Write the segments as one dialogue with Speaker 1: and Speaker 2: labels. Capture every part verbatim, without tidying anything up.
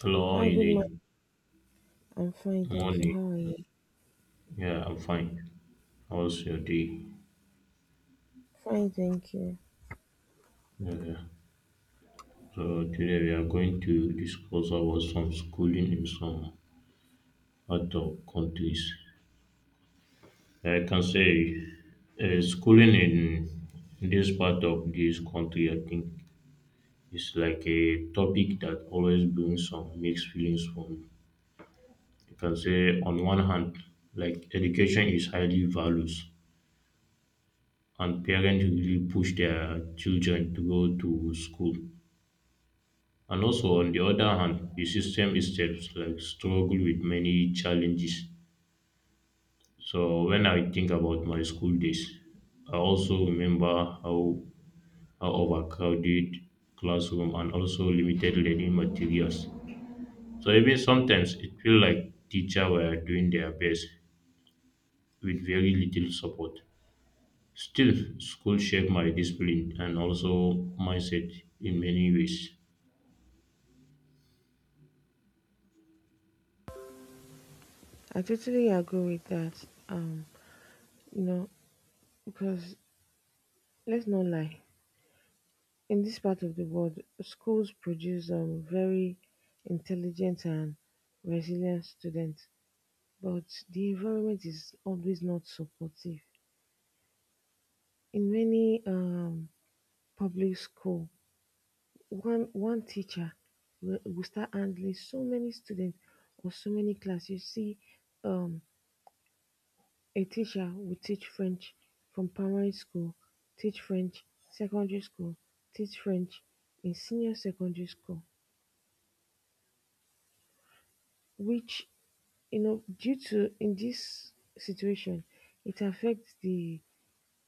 Speaker 1: Hello, how are
Speaker 2: Hi,
Speaker 1: you
Speaker 2: good morning.
Speaker 1: doing?
Speaker 2: I'm fine, thank you.
Speaker 1: Morning.
Speaker 2: How are you?
Speaker 1: Yeah, I'm fine. How's your day?
Speaker 2: Fine, thank you.
Speaker 1: Yeah. So today we are going to discuss about some schooling in some other countries. Yeah, I can say uh, schooling in this part of this country, I think, is like a topic that always brings some mixed feelings for me. You can say on one hand, like education is highly valued, and parents really push their children to go to school. And also, on the other hand, the system itself like struggle with many challenges. So when I think about my school days, I also remember how how overcrowded classroom and also limited learning materials. So even sometimes it feel like teacher were doing their best with very little support. Still, school shaped my discipline and also mindset in many ways.
Speaker 2: I totally agree with that. Um, you know, because let's not lie, in this part of the world, schools produce um very intelligent and resilient students, but the environment is always not supportive. In many um public school, one one teacher will, will start handling so many students or so many classes. You see, um a teacher will teach French from primary school, teach French secondary school, teach French in senior secondary school, which, you know, due to in this situation, it affects the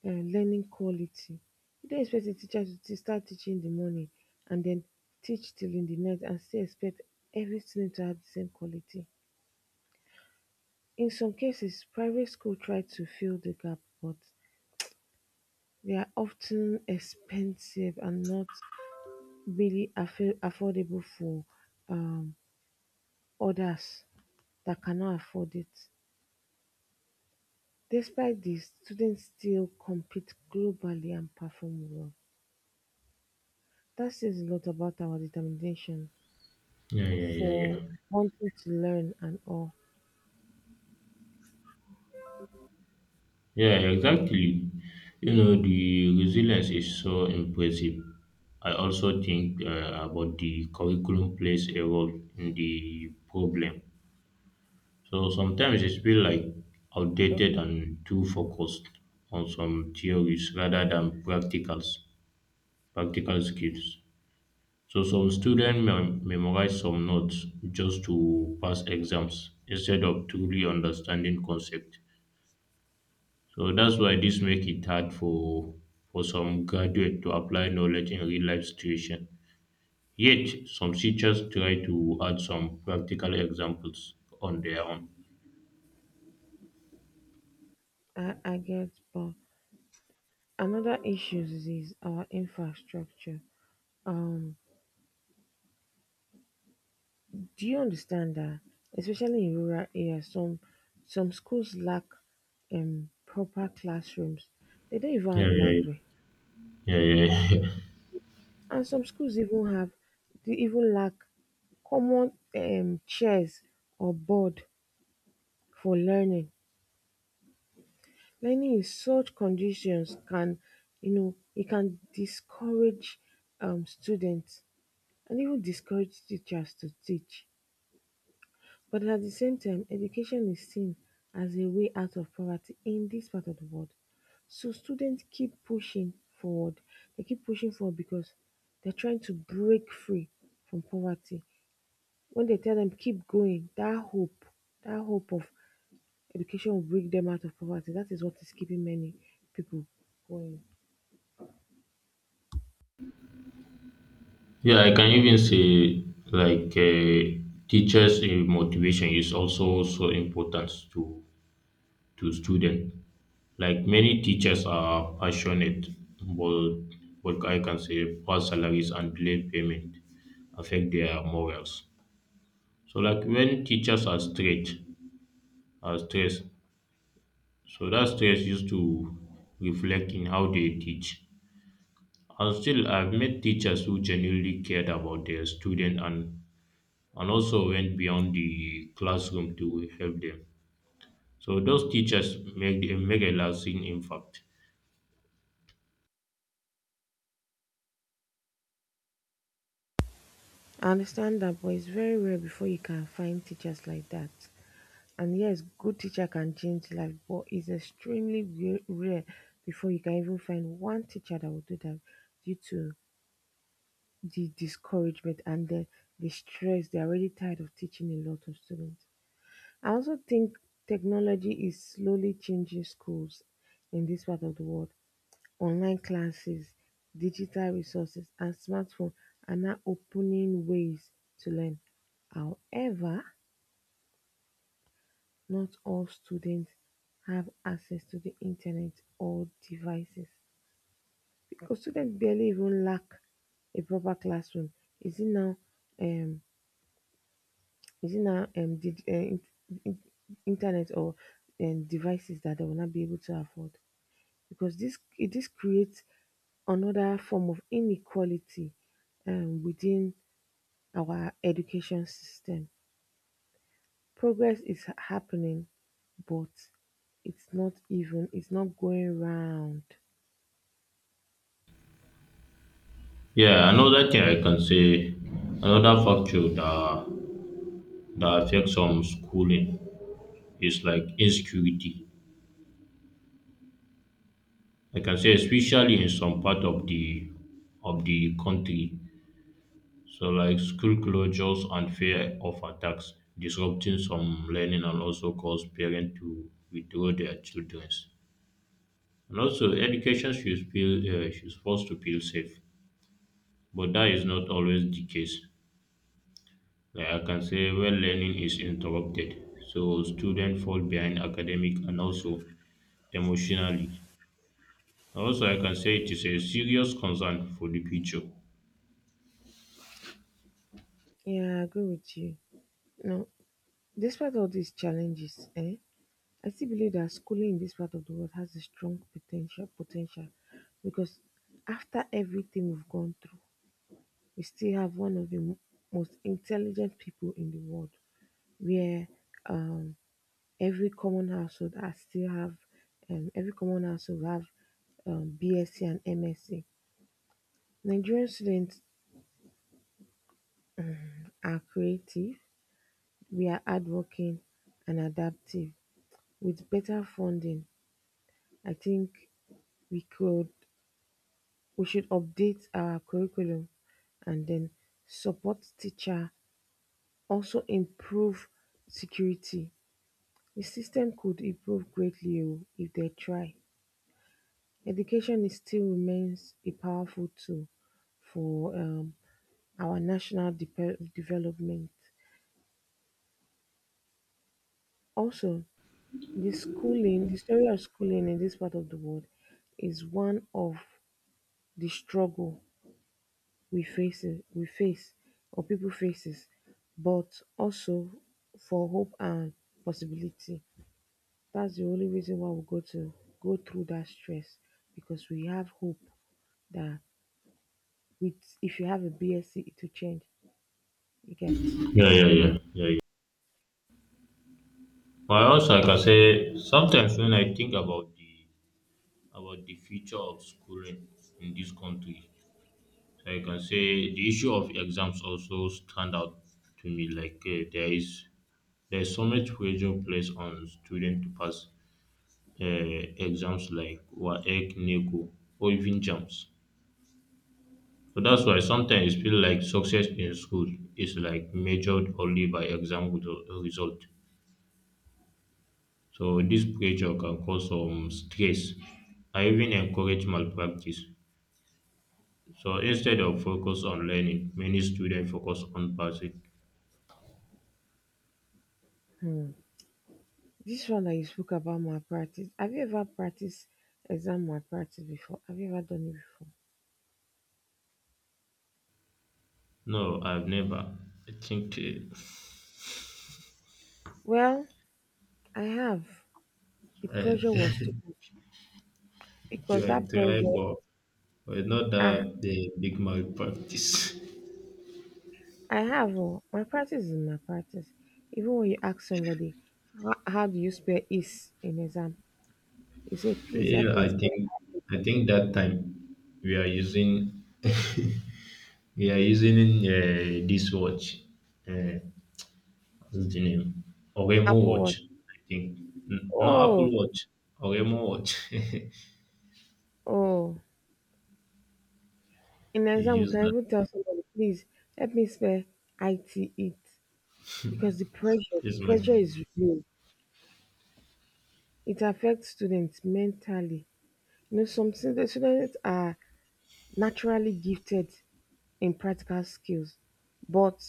Speaker 2: uh, learning quality. You don't expect a teacher to te- start teaching in the morning and then teach till in the night and still expect every student to have the same quality. In some cases, private school try to fill the gap, but they are often expensive and not really affa- affordable for um others that cannot afford it. Despite this, students still compete globally and perform well. That says a lot about our determination
Speaker 1: Yeah, yeah, yeah,
Speaker 2: for
Speaker 1: yeah.
Speaker 2: wanting to learn and all.
Speaker 1: Yeah, exactly. You know, the resilience is so impressive. I also think uh, about the curriculum plays a role in the problem. So sometimes it feels like
Speaker 2: Okay,
Speaker 1: outdated and too focused on some theories rather than practicals, practical skills. So some students mem- memorize some notes just to pass exams instead of truly understanding concepts. So that's why this make it hard for for some graduate to apply knowledge in real life situation. Yet some teachers try to add some practical examples on their own.
Speaker 2: I, I get, but another issue is our infrastructure. Um, do you understand that, especially in rural areas, some some schools lack um proper classrooms. They don't even
Speaker 1: Yeah, yeah,
Speaker 2: have
Speaker 1: yeah, yeah.
Speaker 2: library.
Speaker 1: Yeah,
Speaker 2: And some schools even have they even lack common um chairs or board for learning. Learning in such conditions can, you know, it can discourage um, students and even discourage teachers to teach. But at the same time, education is seen as a way out of poverty in this part of the world. So students keep pushing forward. They keep pushing forward because they're trying to break free from poverty. When they tell them keep going, that hope, that hope of education will bring them out of poverty. That is what is keeping many people going.
Speaker 1: Yeah, I can even say like uh, teachers' uh, motivation is also so important to to students. Like many teachers are passionate, but but I can say poor salaries and delayed payment affect their morals. So like when teachers are stressed, are stressed, so that stress used to reflect in how they teach. And still I've met teachers who genuinely cared about their student and and also went beyond the classroom to help them. So those teachers make a make a lasting impact.
Speaker 2: I understand that, but it's very rare before you can find teachers like that. And yes, good teacher can change life, but it's extremely re- rare before you can even find one teacher that will do that due to the discouragement and the, the stress. They're already tired of teaching a lot of students. I also think technology is slowly changing schools in this part of the world. Online classes, digital resources, and smartphones are now opening ways to learn. However, not all students have access to the internet or devices because students barely even lack a proper classroom. Is it now, um, is it now um, dig- uh, in- in- internet or um, devices that they will not be able to afford? Because this this creates another form of inequality um, within our education system. Progress is happening, but it's not even. It's not going round.
Speaker 1: Yeah, another thing I can say, another factor that that affects some schooling is like insecurity. Like I can say, especially in some part of the of the country. So like school closures and fear of attacks disrupting some learning and also cause parents to withdraw their children's. And also education should feel uh, should supposed to feel safe, but that is not always the case. Like I can say when learning is interrupted, so students fall behind academic and also emotionally. Also I can say it is a serious concern for the future.
Speaker 2: Yeah, I agree with you. Now, despite all these challenges, eh, I still believe that schooling in this part of the world has a strong potential. Potential, because after everything we've gone through, we still have one of the mo- most intelligent people in the world, where um, every common household has still have um, every common household have um, BSc and MSc. Nigerian students are creative, we are hardworking and adaptive. With better funding, I think we could we should update our curriculum and then support teacher, also improve security. The system could improve greatly oh, if they try. Education is still remains a powerful tool for um, our national depe- development. Also, the schooling, the story of schooling in this part of the world is one of the struggle we face, we face, or people faces, but also for hope and possibility. That's the only reason why we go to go through that stress because we have hope that with if you have a BSc, it will change. You get.
Speaker 1: Yeah, yeah, yeah. Yeah, for us, I can say, sometimes when I think about the about the future of schooling in this country, so I can say the issue of exams also stand out to me. Like uh, there is there is so much pressure placed on students to pass uh, exams like WAEC, NECO, or even JAMS. So that's why sometimes it feels like success in school is like measured only by exam result. So this pressure can cause some stress and even encourage malpractice. So instead of focus on learning, many students focus on passing.
Speaker 2: Hmm. This one that you spoke about malpractice. Have you ever practiced exam malpractice before? Have you ever done it before?
Speaker 1: No, I've never. I think
Speaker 2: Well, I have. The
Speaker 1: uh,
Speaker 2: pressure
Speaker 1: I,
Speaker 2: was too much because
Speaker 1: I
Speaker 2: that
Speaker 1: try,
Speaker 2: pressure.
Speaker 1: but but not
Speaker 2: Ah,
Speaker 1: that the big malpractice.
Speaker 2: I have. Oh, my practice is my practice. Even when you ask somebody, how, how do you spell is in exam? You say, please help
Speaker 1: Yeah,
Speaker 2: me
Speaker 1: I
Speaker 2: spell
Speaker 1: think
Speaker 2: Apple
Speaker 1: I think that time we are using we are using uh, this watch. Uh, What's the name? Oremo
Speaker 2: Apple Watch.
Speaker 1: watch, I think. N- not
Speaker 2: Oh,
Speaker 1: Apple Watch. Oremo watch. you
Speaker 2: oh. In exam, we
Speaker 1: use
Speaker 2: can
Speaker 1: that.
Speaker 2: even tell somebody, please help me spell I T it because the pressure, the
Speaker 1: It's like
Speaker 2: pressure is real. It affects students mentally. You know, some stu- the students are naturally gifted in practical skills, but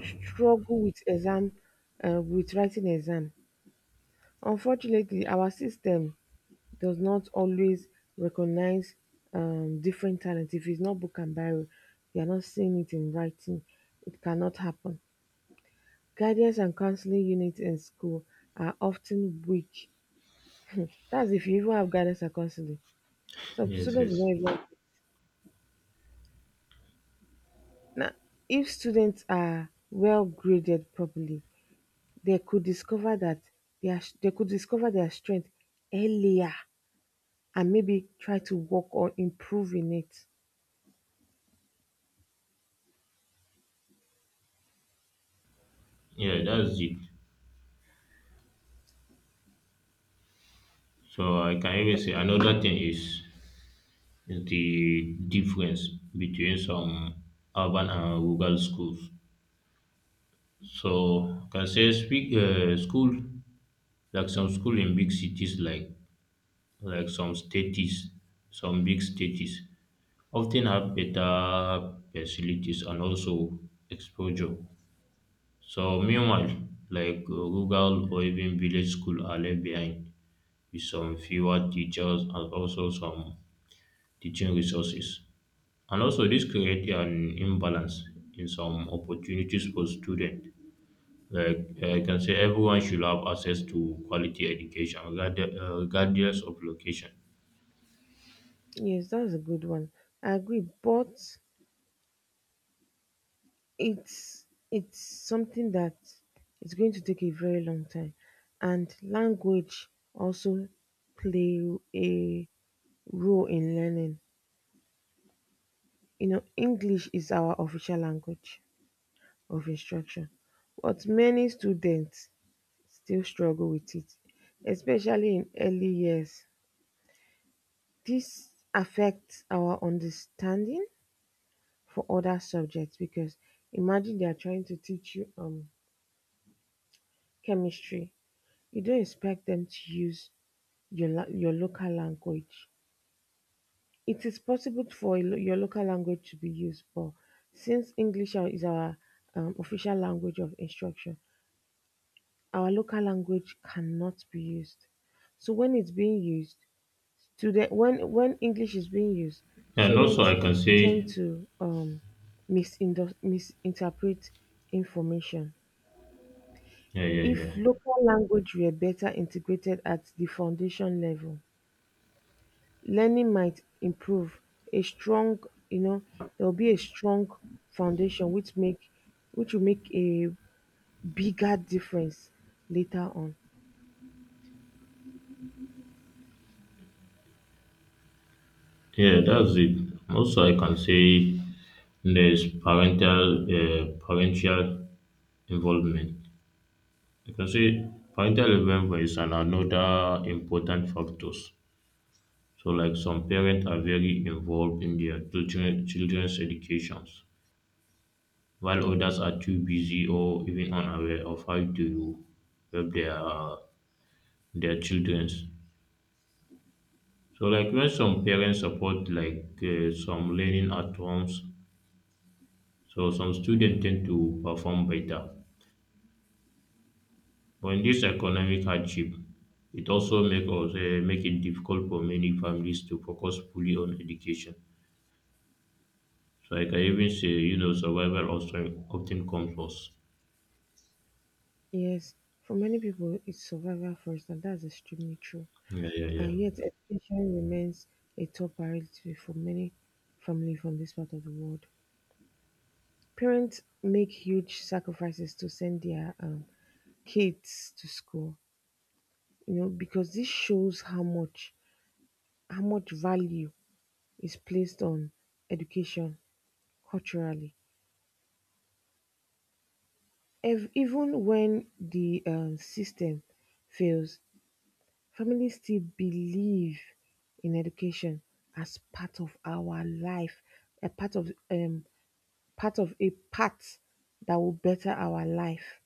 Speaker 2: struggle with exam, uh, with writing exam. Unfortunately, our system does not always recognize um, different talents. If it's not book and barrel, you are not seeing it in writing. It cannot happen. Guidance and counseling units in school are often weak. That's if you even have guidance and counseling. Some
Speaker 1: yes,
Speaker 2: students do not
Speaker 1: yes.
Speaker 2: even. Now, if students are well graded properly, they could discover that their they could discover their strength earlier and maybe try to work on improving it.
Speaker 1: Yeah, that's it. So I can even say another thing is is the difference between some urban and rural schools. So I can say speak uh, school like some school in big cities like like some states, some big states often have better facilities and also exposure. So meanwhile, like uh, rural or even village school are left behind with some fewer teachers and also some teaching resources. And also this creates an imbalance in some opportunities for students. Like uh, I can say everyone should have access to quality education regard- uh, regardless of location.
Speaker 2: Yes, that's a good one. I agree, but it's it's something that is going to take a very long time, and language also play a role in learning. You know, English is our official language of instruction, but many students still struggle with it, especially in early years. This affects our understanding for other subjects because imagine they are trying to teach you um chemistry. You don't expect them to use your la- your local language. It is possible for a lo- your local language to be used, but since English are- is our um, official language of instruction, our local language cannot be used. So when it's being used, student when when English is being used,
Speaker 1: And also
Speaker 2: students
Speaker 1: I can
Speaker 2: tend
Speaker 1: say
Speaker 2: to um, misindo- misinterpret information.
Speaker 1: yeah, yeah, yeah.
Speaker 2: If local language were better integrated at the foundation level, learning might improve. A strong, you know, there will be a strong foundation which make which will make a bigger difference later on.
Speaker 1: Yeah, that's it. Also, I can say there's parental uh, parental involvement. You can say parental involvement is an- another important factors. So, like some parents are very involved in their children, children's educations, while others are too busy or even unaware of how to help their their childrens. So, like when some parents support like uh, some learning at homes, so some students tend to perform better. But in this economic hardship it also make us um make it difficult for many families to focus fully on education. So I can even say you know survival also often comes first.
Speaker 2: Yes, for many people, it's survival first, and that's extremely true.
Speaker 1: Yeah, yeah, yeah.
Speaker 2: And yet, education remains a top priority for many families from this part of the world. Parents make huge sacrifices to send their um, kids to school, you know, because this shows how much how much value is placed on education culturally. Ev- even when the um, system fails, families still believe in education as part of our life, a part of um part of a path that will better our life.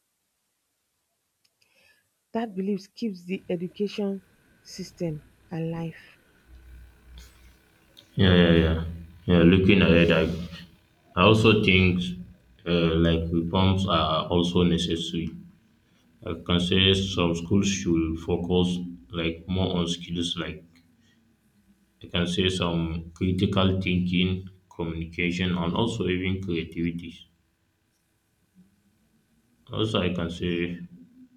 Speaker 2: That belief keeps the education system alive.
Speaker 1: Yeah, yeah, yeah. Yeah, looking ahead, I, I also think uh, like reforms are also necessary. I can say some schools should focus like more on skills like I can say some critical thinking, communication, and also even creativity. Also, I can say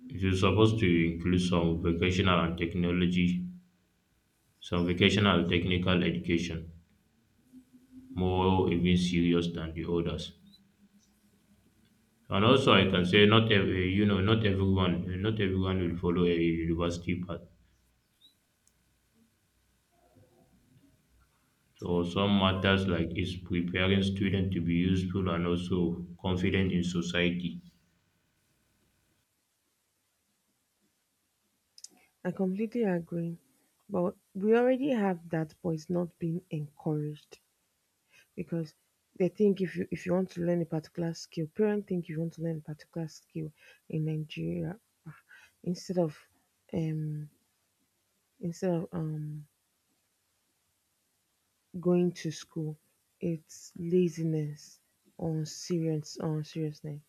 Speaker 1: you're supposed to include some vocational and technology, some vocational and technical education, more even serious than the others. And also, I can say not every, you know, not everyone, eh, not everyone will follow a university path. So some matters like is preparing students to be useful and also confident in society.
Speaker 2: I completely agree. But we already have that, but it's not being encouraged because they think if you if you want to learn a particular skill, parents think if you want to learn a particular skill in Nigeria, ah, instead of um instead of um going to school, it's laziness on serious on seriousness.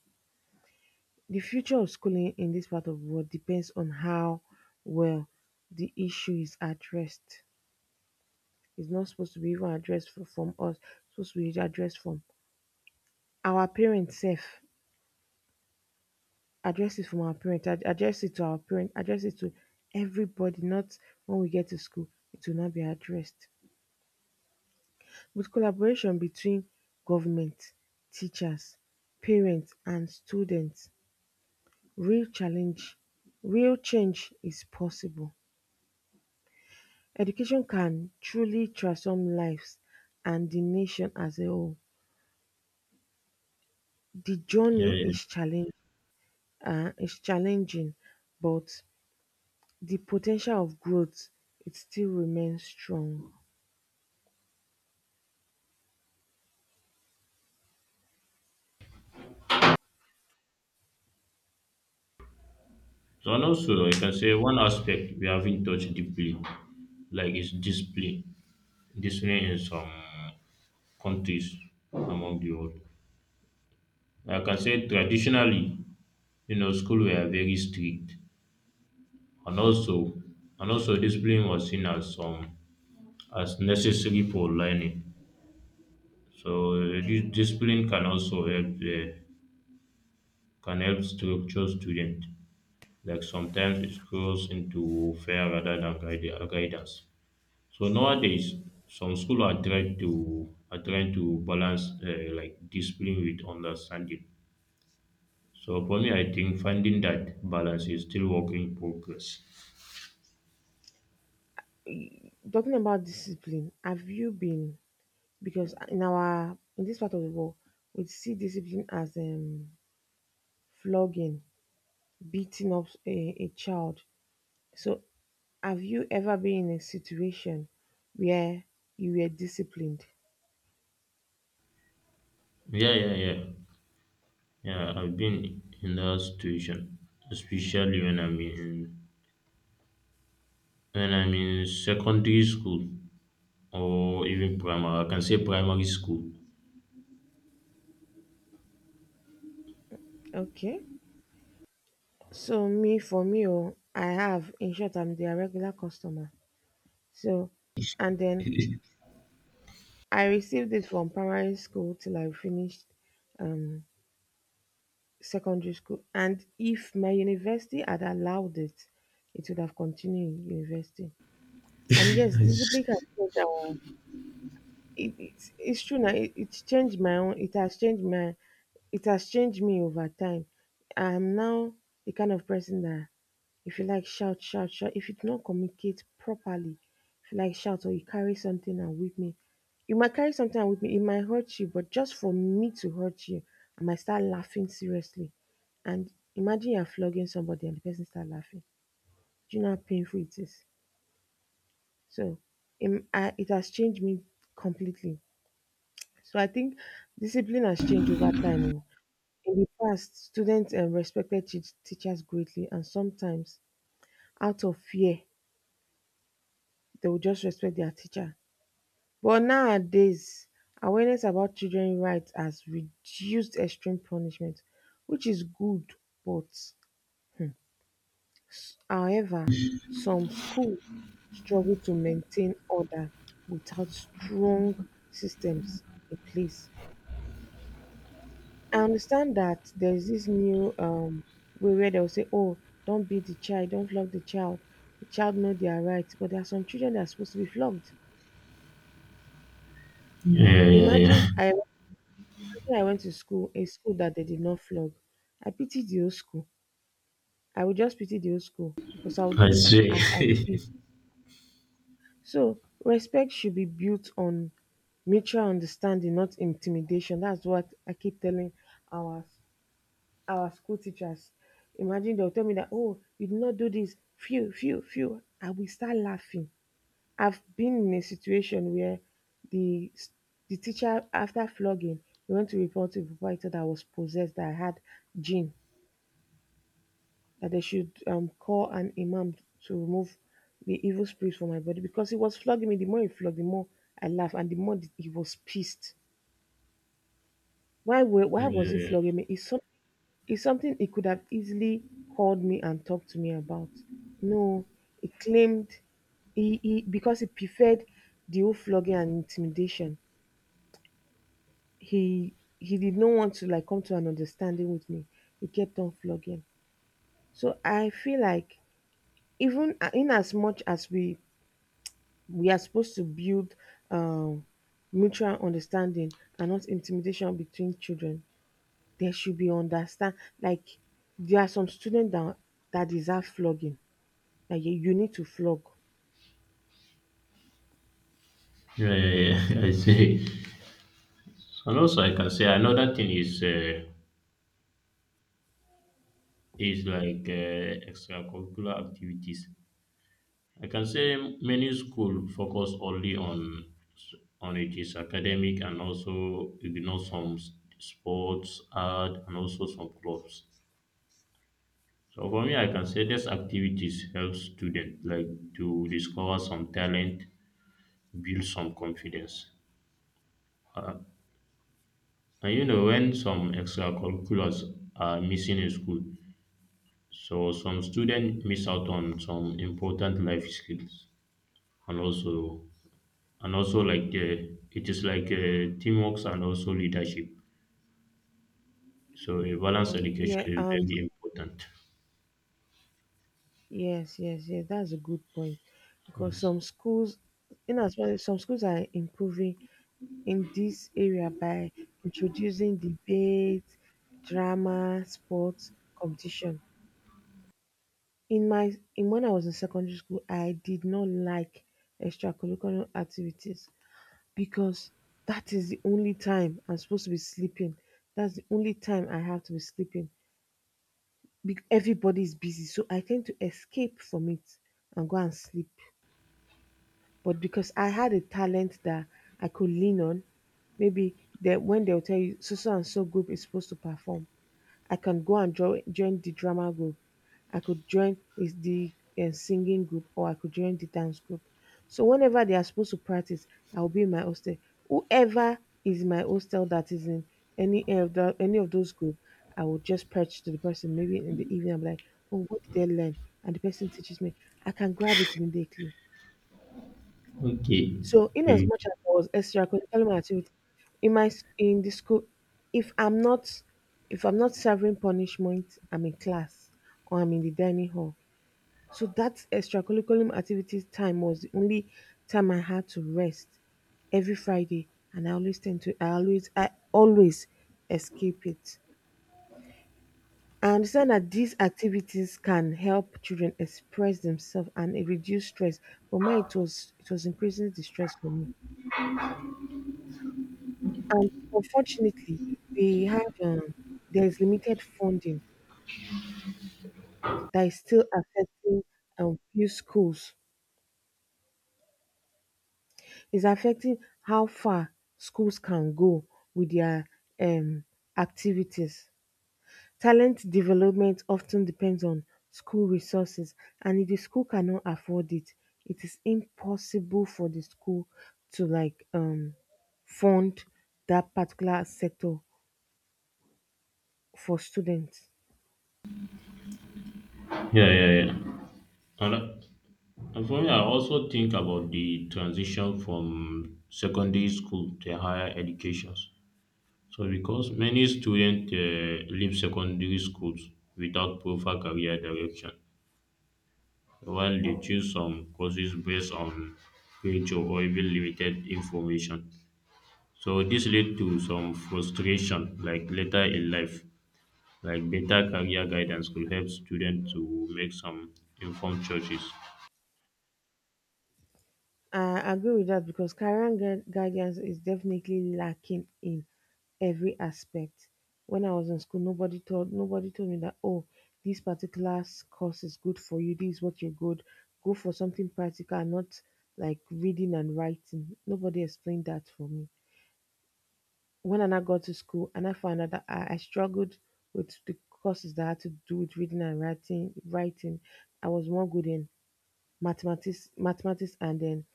Speaker 2: The future of schooling in this part of the world depends on how well the issue is addressed. It's not supposed to be even addressed fro- from us. It's supposed to be addressed from our parents self. Address it from our parents. ad- Address it to our parents. Address it to everybody. Not when we get to school. It will not be addressed. With collaboration between government, teachers, parents and students, real challenge, real change is possible. Education can truly transform lives and the nation as a whole. The
Speaker 1: Yeah,
Speaker 2: journey
Speaker 1: yeah.
Speaker 2: is challenge um is challenging, but the potential of growth it still remains strong.
Speaker 1: So and also, I can say one aspect we haven't touched deeply, like is discipline. Discipline in some countries among the world. Like I can say traditionally, you know, school were very strict, and also, and also, discipline was seen as um, as necessary for learning. So uh, dis- discipline can also help the can help structure student. Like sometimes it goes into fear rather than guide, guidance. So nowadays, some school are trying to are trying to balance uh, like discipline with understanding. So for me, I think finding that balance is still work in progress.
Speaker 2: Talking about discipline, have you been, because in our in this part of the world we see discipline as um flogging, beating up a, a child, so have you ever been in a situation where you were disciplined?
Speaker 1: Yeah, yeah, yeah. Yeah, I've been in that situation, especially when I'm in when I'm in secondary school or even primary. I can say primary school.
Speaker 2: Okay, so me, for me, oh, I have. In short, I'm their regular customer. So, and then I received it from primary school till I finished um secondary school, and if my university had allowed it, it would have continued in university. And yes, discipline can change our. It, it's, it's true now. It, it's changed my own. It has changed my. It has changed me over time. I'm now the kind of person that if you like shout, shout, shout. If you do not communicate properly, if you like shout or you carry something and with me, you might carry something and with me. It might hurt you, but just for me to hurt you, I might start laughing seriously. And imagine you're flogging somebody and the person start laughing. Do you know how painful it is? So, im- I, it has changed me completely. So I think discipline has changed over time. Oh, in the past, students um, respected teach teachers greatly, and sometimes out of fear, they would just respect their teacher. But nowadays, awareness about children rights has reduced extreme punishment, which is good, but s- however, some schools struggle to maintain order without strong systems in place. I understand that there's this new um way where they'll say, oh, don't beat the child, don't flog the child. The child know their rights, but there are some children that are supposed to be flogged.
Speaker 1: Yeah, yeah,
Speaker 2: Imagine
Speaker 1: yeah.
Speaker 2: I imagine I went to school, a school that they did not flog. I pity the old school. I would just pity the old school because I'll
Speaker 1: I
Speaker 2: do
Speaker 1: say.
Speaker 2: as I
Speaker 1: Yeah,
Speaker 2: please. So respect should be built on mutual understanding, not intimidation. That's what I keep telling our our school teachers. Imagine they'll tell me that, oh, you did not do this, phew, phew, phew. I will start laughing. I've been in a situation where the the teacher, after flogging, he went to report to the proprietor that I was possessed, that I had jinn, that they should um, call an imam to remove the evil spirit from my body because he was flogging me. The more he flogged, the more I laughed, and the more he was pissed. Why, were, why
Speaker 1: yeah,
Speaker 2: was he
Speaker 1: yeah,
Speaker 2: flogging me? It's something It's something he could have easily called me and talked to me about. No, he claimed he, he because he preferred the whole flogging and intimidation. He he did not want to like come to an understanding with me. He kept on flogging. So I feel like even a- in as much as we we are supposed to build um, mutual understanding and not intimidation between children, there should be understand. Like there are some students that that deserve flogging. Like you, you need to flog.
Speaker 1: yeah. Yeah, I say. And also, I can say another thing is. Uh, is like uh, extracurricular activities. I can say many school focus only on on it is academic and also ignore some s- sports, art, and also some clubs. So for me, I can say these activities help students like to discover some talent, build some confidence. Uh, and you know when some extracurriculars are missing in school, so some students miss out on some important life skills. And also and also like the it is like uh, teamwork and also leadership, so a balanced
Speaker 2: Okay.
Speaker 1: education
Speaker 2: Yeah,
Speaker 1: is
Speaker 2: and
Speaker 1: very important.
Speaker 2: yes, yes, yes, that's a good point. Because
Speaker 1: Yes.
Speaker 2: some schools, in as well, some schools are improving in this area by introducing debate, drama, sports, competition. In my in When I was in secondary school, I did not like extracurricular activities because that is the only time I'm supposed to be sleeping. That's the only time I have to be sleeping be- everybody's busy, so I tend to escape from it and go and sleep. But because I had a talent that I could lean on, maybe that when they'll tell you so so and so group is supposed to perform, I can go and join join the drama group. I could join is the uh, singing group or I could join the dance group. So whenever they are supposed to practice, I'll be in my hostel. Whoever is in my hostel that is in any of the, any of those group, I will just preach to the person. Maybe in the evening, I'm like, "Oh, what did they learn?" And the person teaches me. I can grab it immediately.
Speaker 1: Okay.
Speaker 2: So in as
Speaker 1: Okay.
Speaker 2: much as I was extracurricular activity in my s- in the school, if I'm not if I'm not serving punishment, I'm in class or I'm in the dining hall. So that extracurriculum activities time was the only time I had to rest every Friday, and I always tend to I always I always escape it. I understand that these activities can help children express themselves and it reduce stress, but mine it was it was increasing the stress for me. And unfortunately, we have um, there is limited funding that is still affecting um, few schools, is affecting how far schools can go with their um activities. Talent development often depends on school resources, and if the school cannot afford it, it is impossible for the school to like um fund that particular sector for students.
Speaker 1: Yeah, yeah, yeah. And uh, and for me I also think about the transition from secondary school to higher educations, so because many students uh, leave secondary schools without proper career direction, while they choose some courses based on age or even limited information. So this led to some frustration like later in life. Like better career guidance could help students to make some informed choices.
Speaker 2: I agree with that because career gu- guidance is definitely lacking in every aspect. When I was in school, nobody told nobody told me that, oh, this particular s- course is good for you. This is what you're good. Go for something practical, and not like reading and writing. Nobody explained that for me. When I now got to school, and I found out that I, I struggled with the courses that had to do with reading and writing. Writing, I was more good in mathematics, mathematics, and then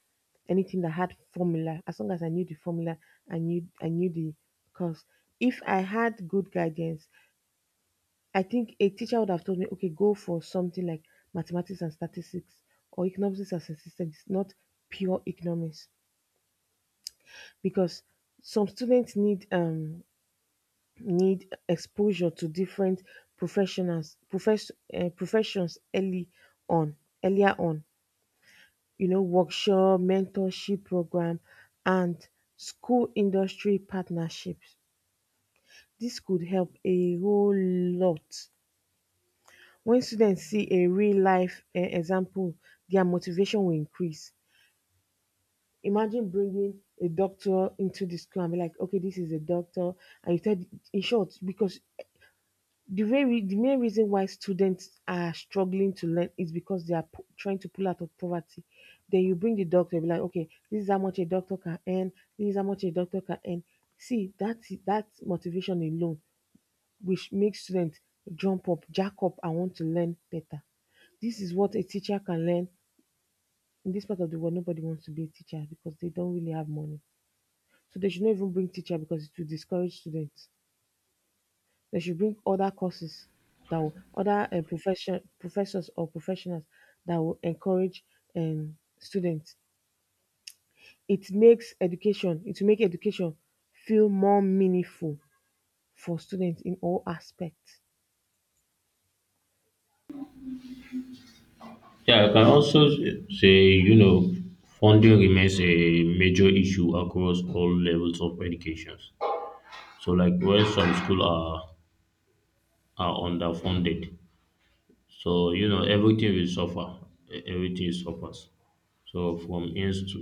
Speaker 2: anything that had formula. As long as I knew the formula, i knew i knew the course. If I had good guidance, I think a teacher would have told me, okay, go for something like mathematics and statistics or economics and statistics, not pure economics, because some students need um need exposure to different professionals profess, uh, professions early on earlier on. You know, workshop, mentorship program, and school industry partnerships. This could help a whole lot. When students see a real life um example, their motivation will increase. Imagine bringing a doctor into the school and be like, okay, this is a doctor and you tell in short because The very the main reason why students are struggling to learn is because they are p- trying to pull out of poverty. Then you bring the doctor, be like, okay, this is how much a doctor can earn. This is how much a doctor can earn. See, that that motivation alone, which makes students jump up, jack up, and want to learn better. This is what a teacher can learn in this part of the world. Nobody wants to be a teacher because they don't really have money, so they should not even bring teacher because it will discourage students. They should bring other courses that will, other uh, profession professors or professionals that will encourage um, students. It makes education. It will make education feel more meaningful for students in all aspects.
Speaker 1: Yeah, I can also say, you know, funding remains a major issue across all levels of education. So like when some schools are are underfunded. So you know everything will suffer. E- Everything suffers. So from inst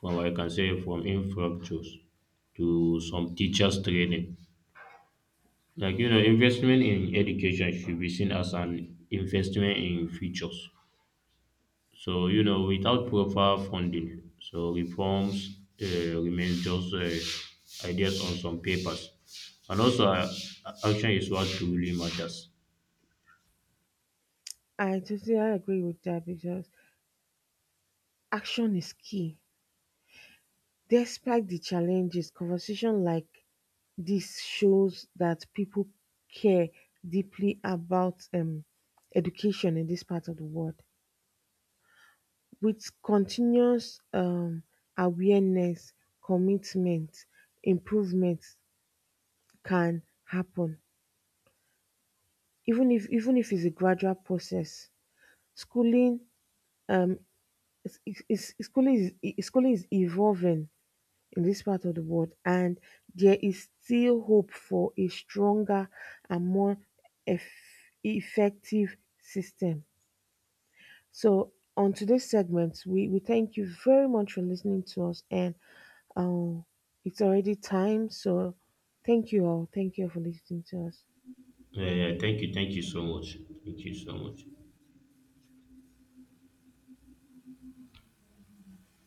Speaker 1: from I can say from infrastructures to some teachers training. Like you know, investment in education should be seen as an investment in futures. So you know, without proper funding, so reforms uh, remain just uh, ideas on some papers, and also uh, action is what truly matters.
Speaker 2: I totally agree with that because action is key. Despite the challenges, conversation like this shows that people care deeply about um, education in this part of the world. With continuous um awareness, commitment, improvement can happen even if even if it's a gradual process. Schooling um is is is schooling is is Schooling is evolving in this part of the world, and there is still hope for a stronger and more eff effective system. So on today's segment, we we thank you very much for listening to us. And Um, it's already time, so thank you all. Thank you all for listening to us.
Speaker 1: Uh, thank you, thank you so much, thank you so much.